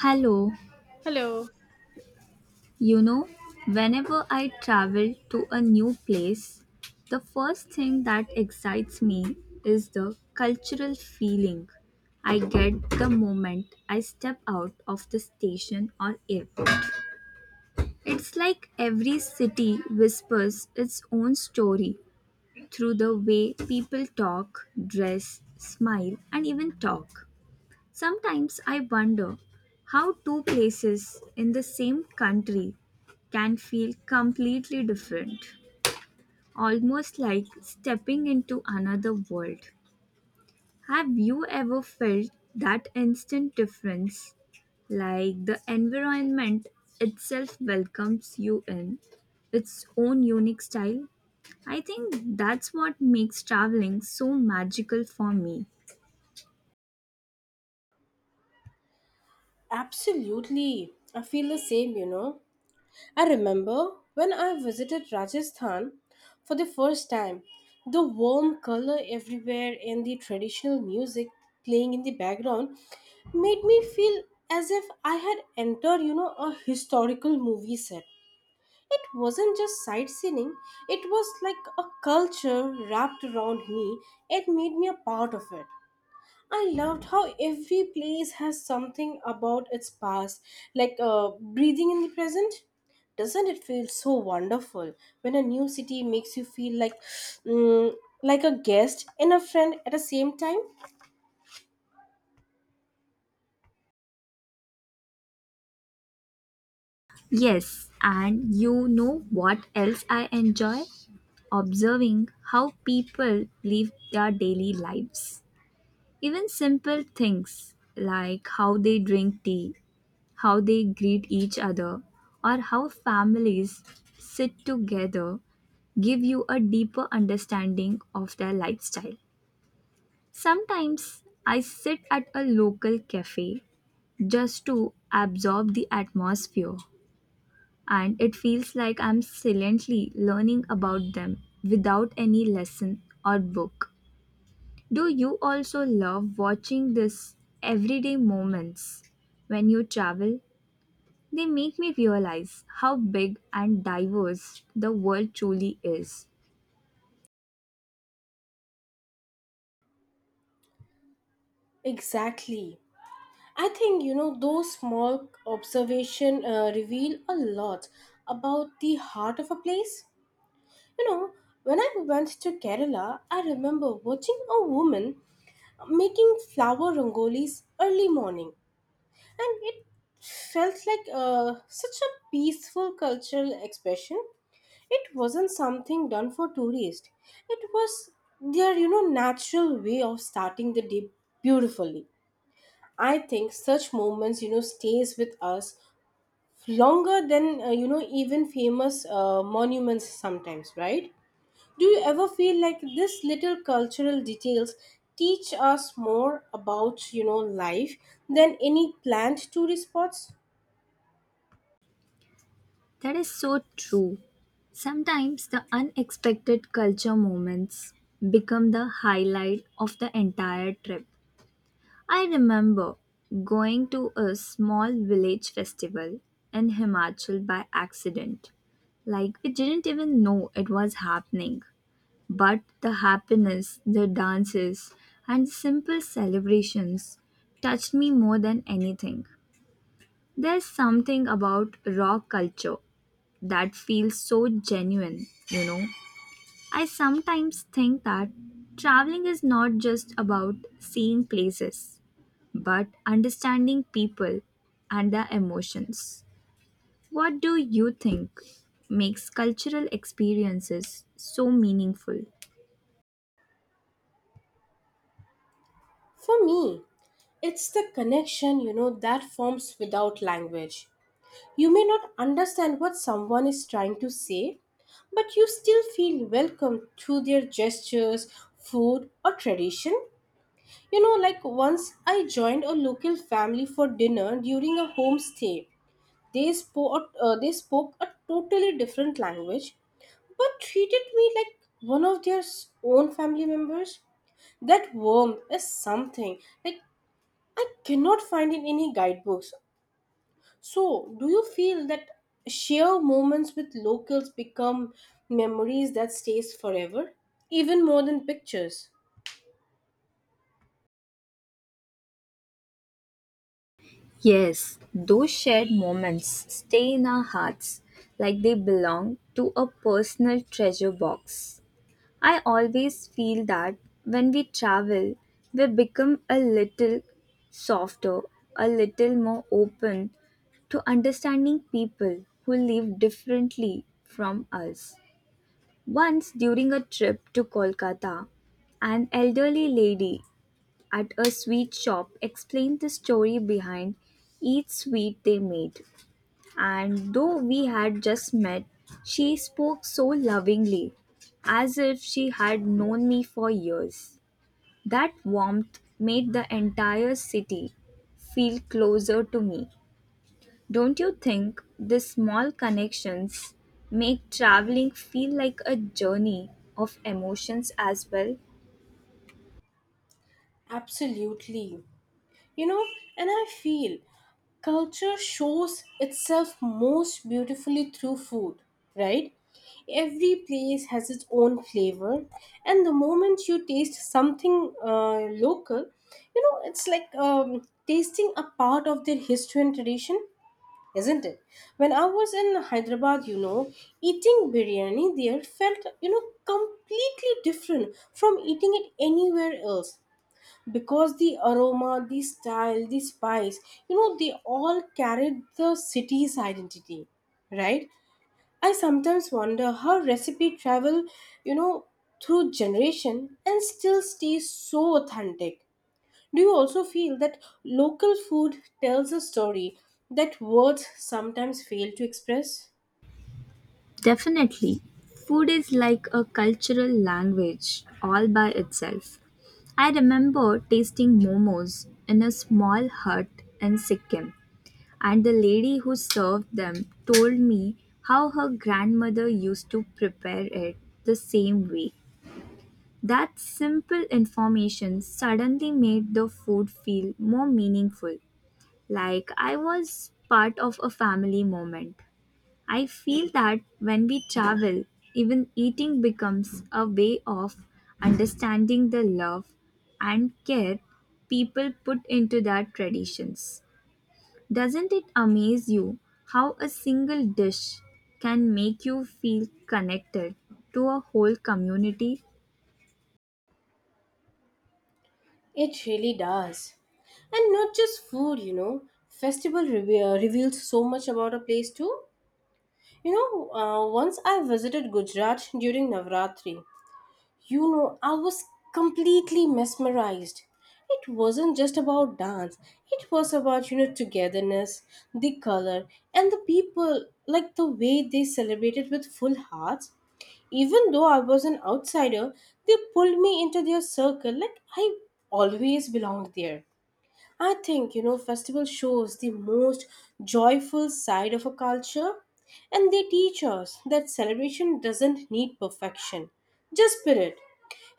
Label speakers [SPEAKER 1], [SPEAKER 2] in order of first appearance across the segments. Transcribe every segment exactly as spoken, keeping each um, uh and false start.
[SPEAKER 1] Hello,
[SPEAKER 2] Hello.
[SPEAKER 1] you know, whenever I travel to a new place, the first thing that excites me is the cultural feeling I get the moment I step out of the station or airport. It's like every city whispers its own story through the way people talk, dress, smile, and even talk. Sometimes I wonder how two places in the same country can feel completely different, almost like stepping into another world. Have you ever felt that instant difference, like the environment itself welcomes you in its own unique style? I think that's what makes traveling so magical for me.
[SPEAKER 2] Absolutely. I feel the same, you know. I remember when I visited Rajasthan for the first time, the warm color everywhere and the traditional music playing in the background made me feel as if I had entered, you know, a historical movie set. It wasn't just sightseeing, it was like a culture wrapped around me. It made me a part of it. I loved how every place has something about its past, like uh, breathing in the present. Doesn't it feel so wonderful when a new city makes you feel like, mm, like a guest and a friend at the same time?
[SPEAKER 1] Yes, and you know what else I enjoy? Observing how people live their daily lives. Even simple things like how they drink tea, how they greet each other, or how families sit together give you a deeper understanding of their lifestyle. Sometimes I sit at a local cafe just to absorb the atmosphere and it feels like I'm silently learning about them without any lesson or book. Do you also love watching these everyday moments when you travel? They make me realize how big and diverse the world truly is.
[SPEAKER 2] Exactly. I think you know those small observation uh, reveal a lot about the heart of a place. You know, when I went to Kerala, I remember watching a woman uh, making flower rangolis early morning, and it felt like uh, such a peaceful cultural expression. It wasn't something done for tourists, it was their you know natural way of starting the day beautifully. I think such moments you know stays with us longer than uh, you know even famous uh, monuments sometimes, right? Do you ever feel like this little cultural details teach us more about you know life than any planned tourist spots?
[SPEAKER 1] That is so true. Sometimes the unexpected culture moments become the highlight of the entire trip. I remember going to a small village festival in Himachal by accident. Like, we didn't even know it was happening. But the happiness, the dances, and simple celebrations touched me more than anything. There's something about raw culture that feels so genuine, you know. I sometimes think that traveling is not just about seeing places but understanding people and their emotions. What do you think makes cultural experiences so meaningful?
[SPEAKER 2] For me, it's the connection, you know, that forms without language. You may not understand what someone is trying to say, but you still feel welcome through their gestures, food, or tradition. You know, like once I joined a local family for dinner during a homestay. They spoke, uh, they spoke a totally different language, but treated me like one of their s- own family members. That warmth is something like I cannot find in any guidebooks. So, do you feel that share moments with locals become memories that stays forever, even more than pictures?
[SPEAKER 1] Yes, those shared moments stay in our hearts like they belong to a personal treasure box. I always feel that when we travel, we become a little softer, a little more open to understanding people who live differently from us. Once during a trip to Kolkata, an elderly lady at a sweet shop explained the story behind each sweet they made and though we had just met, she spoke so lovingly, as if she had known me for years. That warmth made the entire city feel closer to me. Don't you think these small connections make traveling feel like a journey of emotions as well?
[SPEAKER 2] Absolutely. you know and I feel culture shows itself most beautifully through food, right? Every place has its own flavor, and the moment you taste something uh, local, you know it's like um, tasting a part of their history and tradition, isn't it? When I was in Hyderabad, you know eating biryani there felt, you know completely different from eating it anywhere else, because the aroma, the style, the spice, you know, they all carried the city's identity, right? I sometimes wonder how recipe travel, you know, through generation and still stays so authentic. Do you also feel that local food tells a story that words sometimes fail to express?
[SPEAKER 1] Definitely, food is like a cultural language all by itself. I remember tasting momos in a small hut in Sikkim, and the lady who served them told me how her grandmother used to prepare it the same way. That simple information suddenly made the food feel more meaningful, like I was part of a family moment. I feel that when we travel, even eating becomes a way of understanding the love and care people put into their traditions. Doesn't it amaze you how a single dish can make you feel connected to a whole community?
[SPEAKER 2] It really does. And not just food, you know, festival reve- reveals so much about a place too. You know, uh, once I visited Gujarat during Navratri, you know, I was completely mesmerized. It wasn't just about dance, it was about, you know, togetherness, the color, and the people, like the way they celebrated with full hearts. Even though I was an outsider, they pulled me into their circle like I always belonged there. I think you know festival shows the most joyful side of a culture, and they teach us that celebration doesn't need perfection, just spirit.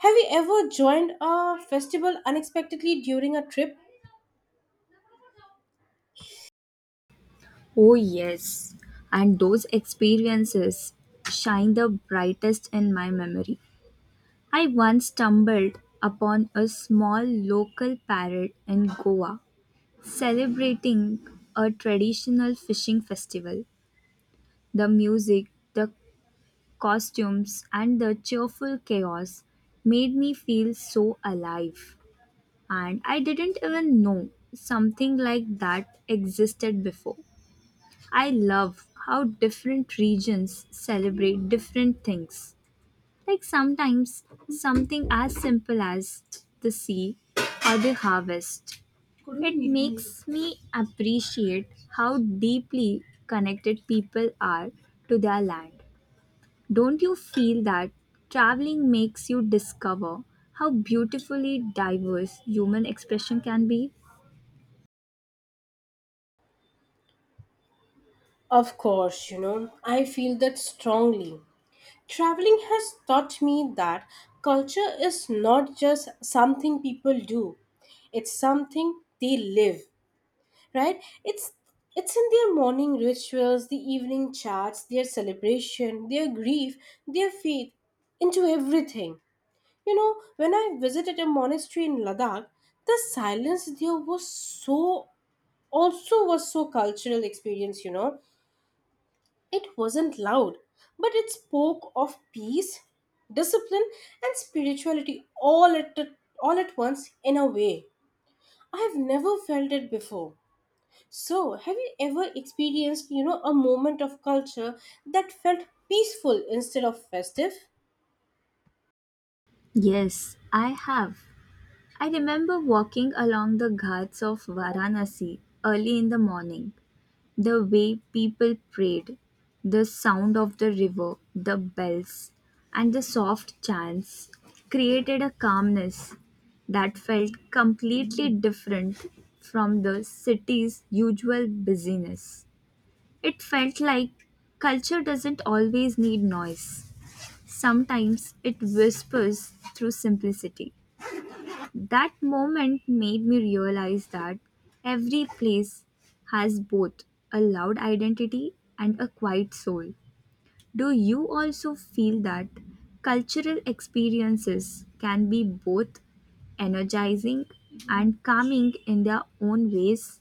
[SPEAKER 2] Have you ever joined a festival unexpectedly during a trip?
[SPEAKER 1] Oh, yes, and those experiences shine the brightest in my memory. I once stumbled upon a small local parrot in Goa celebrating a traditional fishing festival. The music, the costumes, and the cheerful chaos made me feel so alive. And I didn't even know something like that existed before. I love how different regions celebrate different things. Like sometimes something as simple as the sea or the harvest. It makes me appreciate how deeply connected people are to their land. Don't you feel that traveling makes you discover how beautifully diverse human expression can be?
[SPEAKER 2] Of course, you know, I feel that strongly. Traveling has taught me that culture is not just something people do, it's something they live. Right, it's it's in their morning rituals, the evening chats, their celebration, their grief, their faith, into everything. You know, when I visited a monastery in Ladakh, the silence there was so, also was so cultural experience, you know it wasn't loud, but it spoke of peace, discipline, and spirituality all at the, all at once, in a way I have never felt it before. So, have you ever experienced, you know, a moment of culture that felt peaceful instead of festive?
[SPEAKER 1] Yes, I have. I remember walking along the ghats of Varanasi early in the morning. The way people prayed, the sound of the river, the bells, and the soft chants created a calmness that felt completely different from the city's usual busyness. It felt like culture doesn't always need noise, sometimes it whispers through simplicity. That moment made me realize that every place has both a loud identity and a quiet soul. Do you also feel that cultural experiences can be both energizing and calming in their own ways?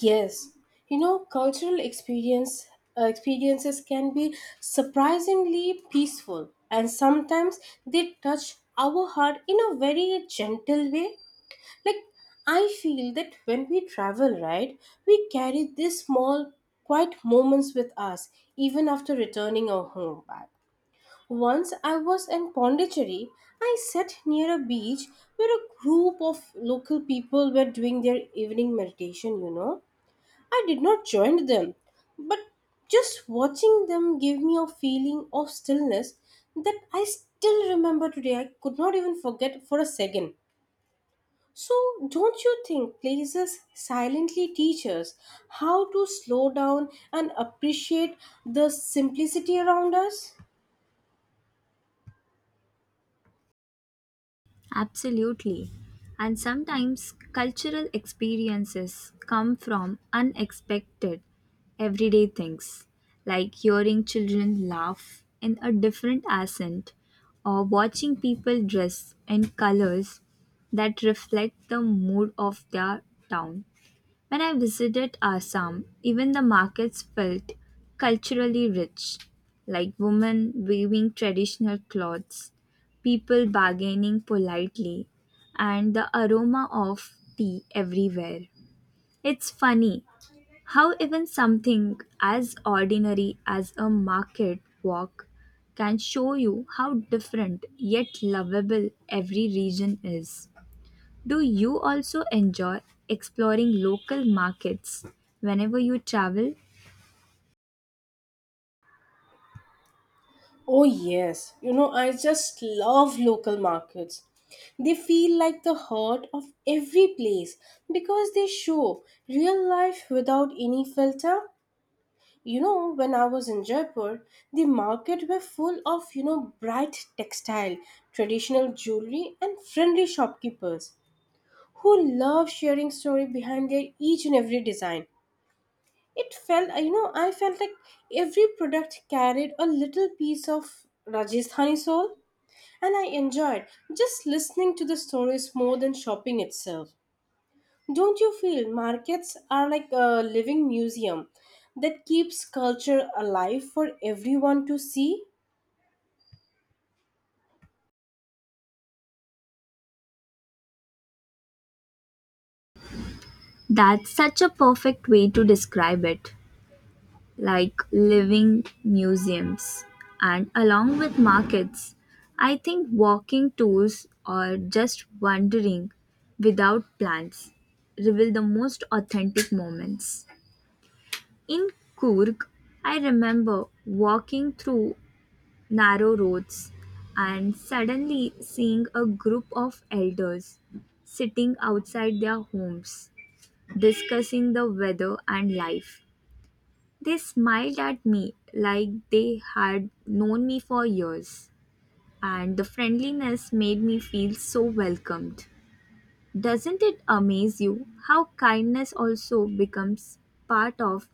[SPEAKER 2] Yes. You know, cultural experience uh, experiences can be surprisingly peaceful, and sometimes they touch our heart in a very gentle way. Like, I feel that when we travel, right, we carry these small quiet moments with us even after returning our home back. Once I was in Pondicherry, I sat near a beach where a group of local people were doing their evening meditation, you know. I did not join them, but just watching them gave me a feeling of stillness that I still remember today. I could not even forget for a second. So, don't you think places silently teach us how to slow down and appreciate the simplicity around us?
[SPEAKER 1] Absolutely. And sometimes cultural experiences come from unexpected everyday things, like hearing children laugh in a different accent or watching people dress in colors that reflect the mood of their town. When I visited Assam, even the markets felt culturally rich, like women weaving traditional cloths, people bargaining politely, and the aroma of tea everywhere. It's funny how even something as ordinary as a market walk can show you how different yet lovable every region is. Do you also enjoy exploring local markets whenever you travel?
[SPEAKER 2] Oh, yes. You know, I just love local markets. They feel like the heart of every place because they show real life without any filter. You know, when I was in Jaipur, the market were full of, you know, bright textile, traditional jewelry, and friendly shopkeepers who love sharing story behind their each and every design. It felt, you know, I felt like every product carried a little piece of Rajasthani soul. And I enjoyed just listening to the stories more than shopping itself. Don't you feel markets are like a living museum that keeps culture alive for everyone to see?
[SPEAKER 1] That's such a perfect way to describe it like living museums. And along with markets, I think walking tours or just wandering without plans reveal the most authentic moments. In Kurg, I remember walking through narrow roads, and suddenly seeing a group of elders sitting outside their homes discussing the weather and life. They smiled at me like they had known me for years, and the friendliness made me feel so welcomed. Doesn't it amaze you how kindness also becomes part of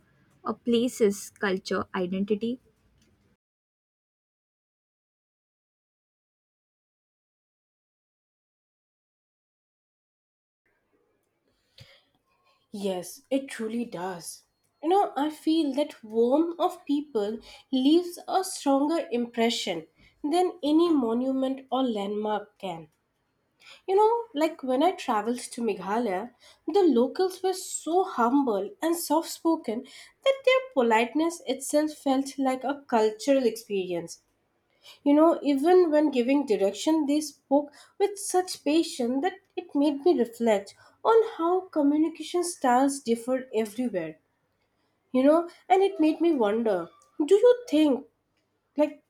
[SPEAKER 1] a place's culture identity?
[SPEAKER 2] Yes, it truly does. You know, I feel that warmth of people leaves a stronger impression than any monument or landmark can. You know, like when I traveled to Meghalaya, the locals were so humble and soft spoken that their politeness itself felt like a cultural experience. You know, even when giving direction, they spoke with such patience that it made me reflect on how communication styles differ everywhere. You know, and it made me wonder, do you think, like,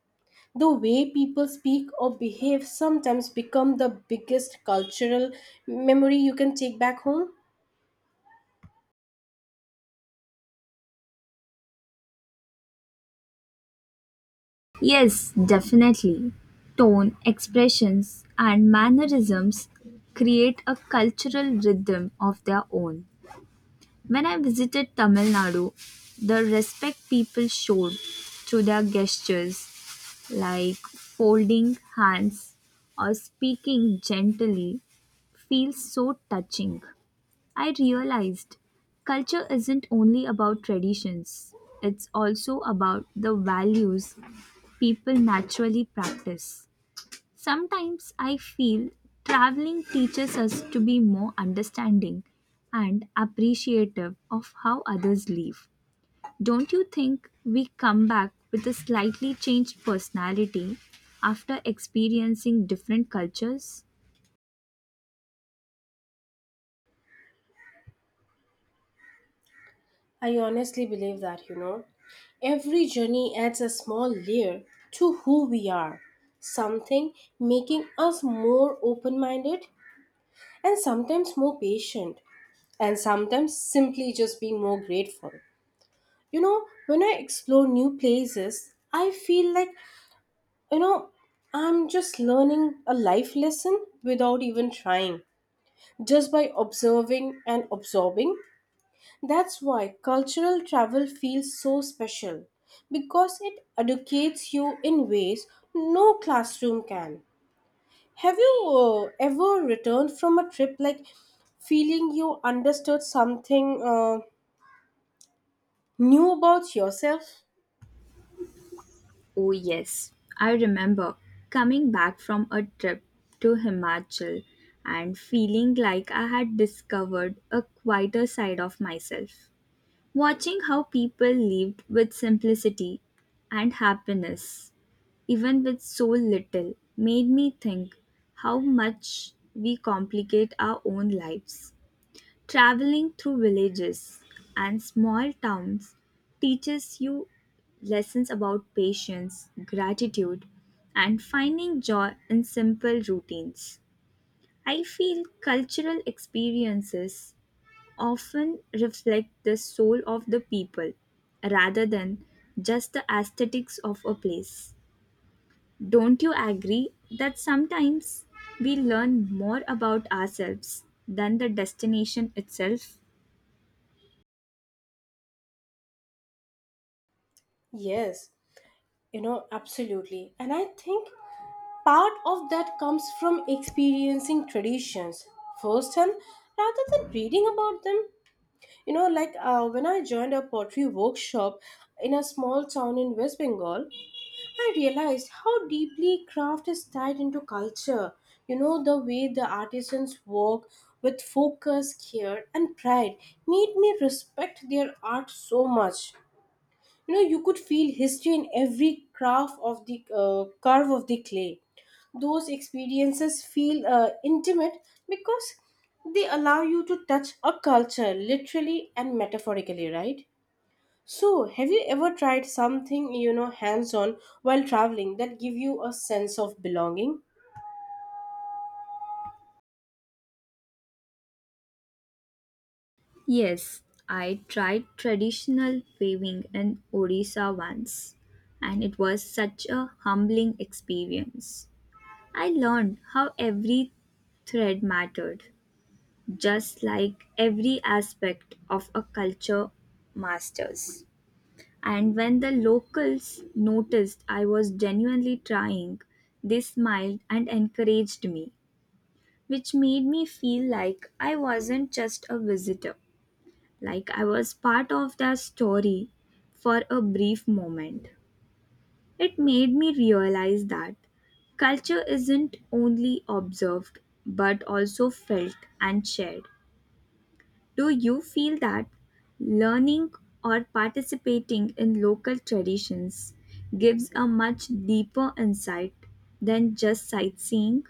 [SPEAKER 2] the way people speak or behave sometimes become the biggest cultural memory you can take back home?
[SPEAKER 1] Yes, definitely. Tone, expressions, and mannerisms create a cultural rhythm of their own. When I visited Tamil Nadu, the respect people showed through their gestures, like folding hands or speaking gently, feels so touching. I realized culture isn't only about traditions, it's also about the values people naturally practice. Sometimes I feel traveling teaches us to be more understanding and appreciative of how others live. Don't you think we come back with a slightly changed personality after experiencing different cultures?
[SPEAKER 2] I honestly believe that, you know every journey adds a small layer to who we are, something making us more open-minded, and sometimes more patient, and sometimes simply just being more grateful. You know, when I explore new places, I feel like, You know, I'm just learning a life lesson without even trying, just by observing and absorbing. That's why cultural travel feels so special, because it educates you in ways no classroom can. Have you uh, ever returned from a trip like feeling you understood something uh, new about yourself?
[SPEAKER 1] Oh, yes. I remember coming back from a trip to Himachal and feeling like I had discovered a quieter side of myself. Watching how people lived with simplicity and happiness, even with so little, made me think how much we complicate our own lives. Traveling through villages and small towns teaches you lessons about patience, gratitude, and finding joy in simple routines. I feel cultural experiences often reflect the soul of the people rather than just the aesthetics of a place. Don't you agree that sometimes we learn more about ourselves than the destination itself?
[SPEAKER 2] Yes, you know, absolutely. And I think part of that comes from experiencing traditions firsthand rather than reading about them. You know, like uh, when I joined a pottery workshop in a small town in West Bengal, I realized how deeply craft is tied into culture. You know, the way the artisans work with focus, care, and pride made me respect their art so much. You know, you could feel history in every craft of the uh, curve of the clay. Those experiences feel uh, intimate, because they allow you to touch a culture literally and metaphorically, right? So, have you ever tried something, you know hands on while traveling that give you a sense of belonging?
[SPEAKER 1] Yes, I tried traditional weaving in Odisha once, and it was such a humbling experience. I learned how every thread mattered, just like every aspect of a culture masters. And when the locals noticed I was genuinely trying, they smiled and encouraged me, which made me feel like I wasn't just a visitor, like I was part of their story for a brief moment. It made me realize that culture isn't only observed but also felt and shared. Do you feel that learning or participating in local traditions gives a much deeper insight than just sightseeing?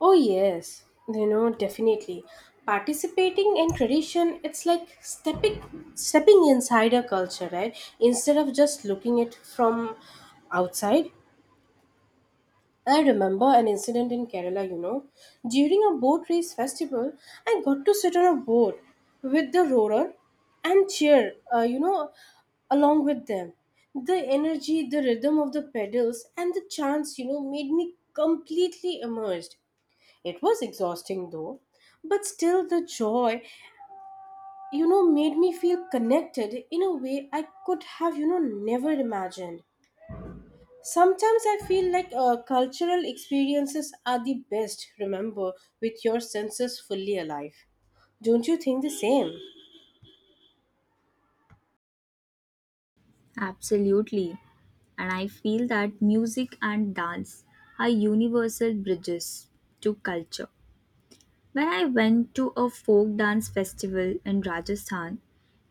[SPEAKER 2] Oh yes, you know definitely. Participating in tradition, it's like stepping stepping inside a culture, right? Instead of just looking it from outside. I remember an incident in Kerala, you know. During a boat race festival, I got to sit on a boat with the rower and cheer, uh, you know, along with them. The energy, the rhythm of the pedals, and the chants, you know, made me completely immersed. It was exhausting though, but still the joy, you know, made me feel connected in a way I could have, you know, never imagined. Sometimes I feel like uh, cultural experiences are the best, remember, with your senses fully alive. Don't you think the same?
[SPEAKER 1] Absolutely. And I feel that music and dance are universal bridges to culture. When I went to a folk dance festival in Rajasthan,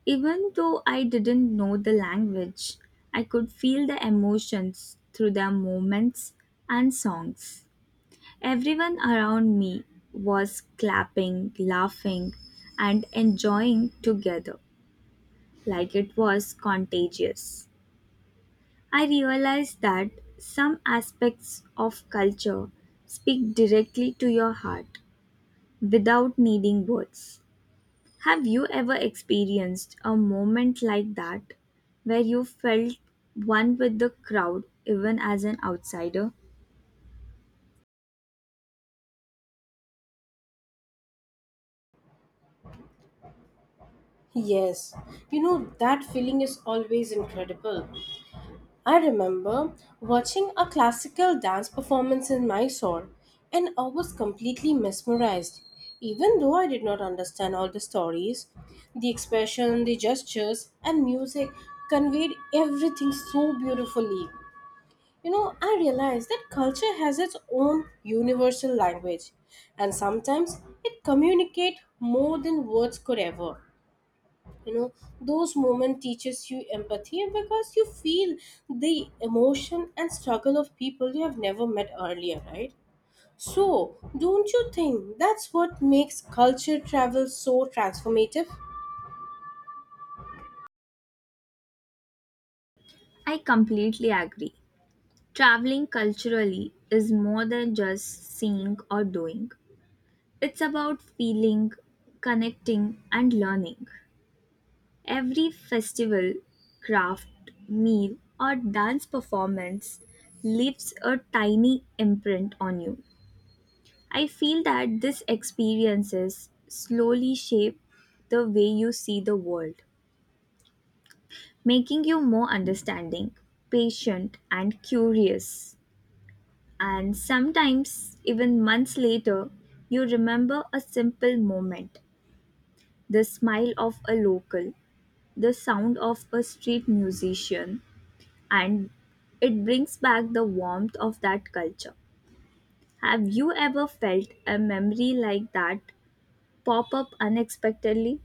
[SPEAKER 1] even though I didn't know the language, I could feel the emotions through their movements and songs. Everyone around me was clapping, laughing, and enjoying together like it was contagious. I realized that some aspects of culture speak directly to your heart without needing words. Have you ever experienced a moment like that where you felt one with the crowd even as an outsider?
[SPEAKER 2] Yes, you know, that feeling is always incredible. I remember watching a classical dance performance in Mysore, and I was completely mesmerized. Even though I did not understand all the stories, the expression, the gestures, and music conveyed everything so beautifully. You know, I realized that culture has its own universal language, and sometimes it communicates more than words could ever. you know those moments teaches you empathy because you feel the emotion and struggle of people you have never met earlier, right? So, don't you think that's what makes culture travel so transformative?
[SPEAKER 1] I completely agree. Traveling culturally is more than just seeing or doing. It's about feeling, connecting, and learning. Every festival, craft, meal, or dance performance leaves a tiny imprint on you. I feel that these experiences slowly shape the way you see the world, making you more understanding, patient, and curious. And sometimes, even months later, you remember a simple moment the smile of a local, the sound of a street musician, and it brings back the warmth of that culture. Have you ever felt a memory like that pop up unexpectedly?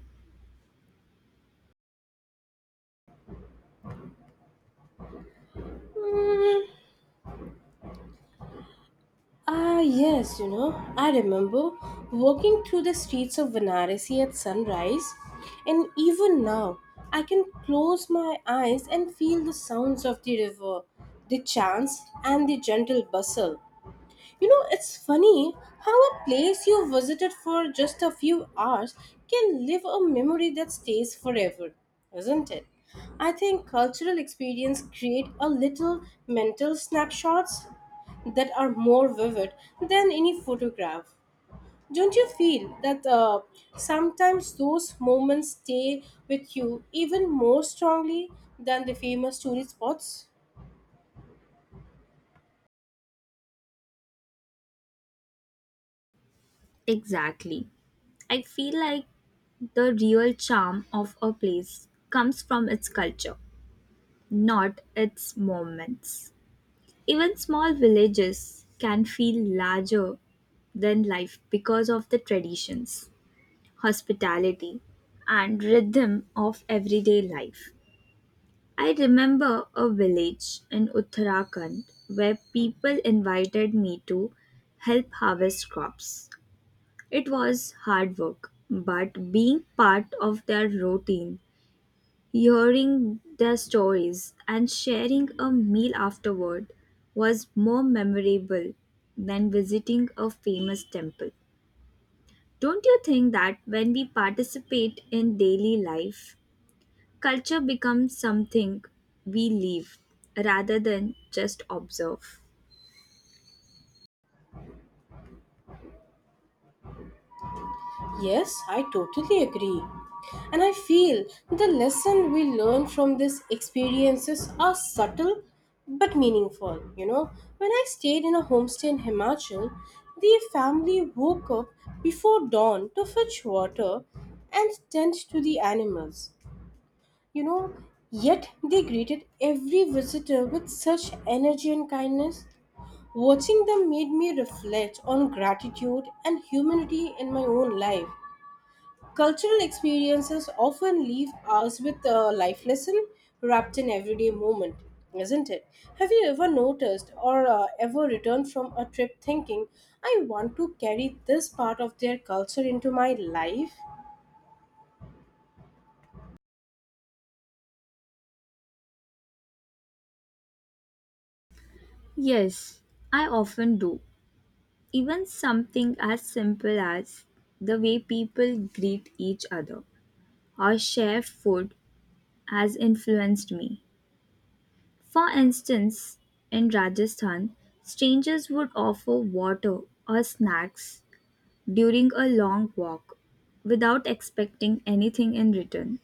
[SPEAKER 2] Ah, yes, you know, I remember walking through the streets of Varanasi at sunrise, and even now I can close my eyes and feel the sounds of the river, the chants, and the gentle bustle. You know, it's funny how a place you visited for just a few hours can live a memory that stays forever, isn't it? I think cultural experience create a little mental snapshots that are more vivid than any photograph. Don't you feel that uh, sometimes those moments stay with you even more strongly than the famous tourist spots?
[SPEAKER 1] Exactly. I feel like the real charm of a place comes from its culture, not its moments. Even small villages can feel larger than life because of the traditions, hospitality, and rhythm of everyday life. I remember a village in Uttarakhand where people invited me to help harvest crops. It was hard work, but being part of their routine. Hearing their stories and sharing a meal afterward was more memorable than visiting a famous temple. Don't you think that when we participate in daily life, culture becomes something we live rather than just observe?
[SPEAKER 2] Yes, I totally agree. And I feel the lesson we learn from these experiences are subtle but meaningful. You know, when I stayed in a homestay in Himachal, the family woke up before dawn to fetch water and tend to the animals. You know, yet they greeted every visitor with such energy and kindness. Watching them made me reflect on gratitude and humanity in my own life. Cultural experiences often leave us with a life lesson wrapped in everyday moment, isn't it? Have you ever noticed, or uh, ever returned from a trip thinking, I want to carry this part of their culture into my life?
[SPEAKER 1] Yes, I often do. Even something as simple as the way people greet each other or share food has influenced me. For instance, in Rajasthan, strangers would offer water or snacks during a long walk without expecting anything in return.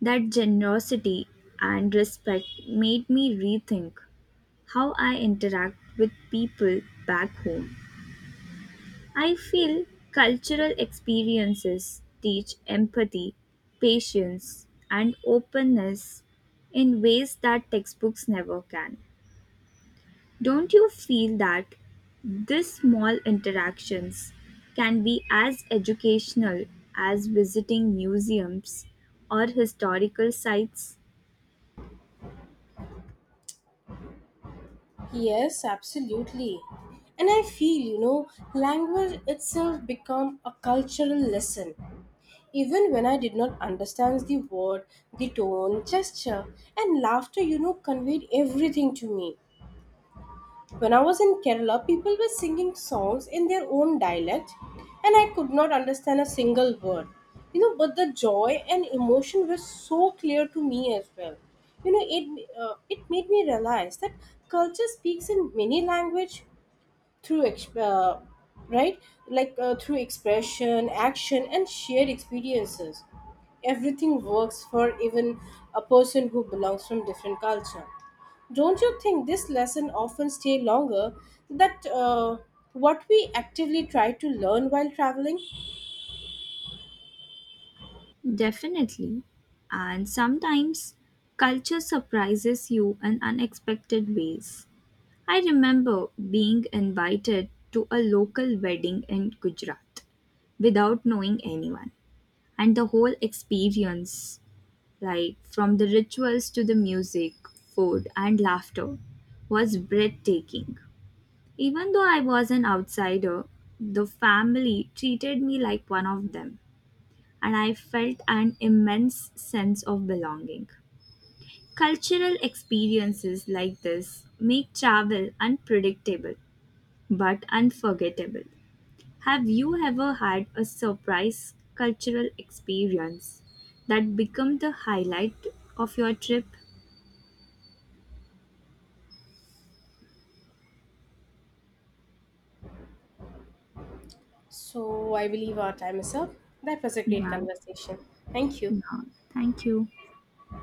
[SPEAKER 1] That generosity and respect made me rethink how I interact with people back home. I feel cultural experiences teach empathy, patience, and openness in ways that textbooks never can. Don't you feel that these small interactions can be as educational as visiting museums or historical sites?
[SPEAKER 2] Yes, absolutely. And I feel, you know, language itself become a cultural lesson. Even when I did not understand the word, the tone, gesture, and laughter, you know, conveyed everything to me. When I was in Kerala, people were singing songs in their own dialect, and I could not understand a single word. You know, but the joy and emotion were so clear to me as well. You know, it uh, it made me realize that culture speaks in many language, through ex- uh, right, like uh, through expression action and shared experiences. Everything works for even a person who belongs from different culture. Don't you think this lesson often stay longer that uh, what we actively try to learn while traveling?
[SPEAKER 1] Definitely. And sometimes culture surprises you in unexpected ways. I remember being invited to a local wedding in Gujarat without knowing anyone, and the whole experience like from the rituals to the music, food, and laughter, was breathtaking. Even though I was an outsider, the family treated me like one of them, and I felt an immense sense of belonging. Cultural experiences like this make travel unpredictable but unforgettable. Have you ever had a surprise cultural experience that became the highlight of your trip?
[SPEAKER 2] So I believe our time is up. That was a great
[SPEAKER 1] Yeah.
[SPEAKER 2] conversation. Thank you.
[SPEAKER 1] Yeah. Thank you.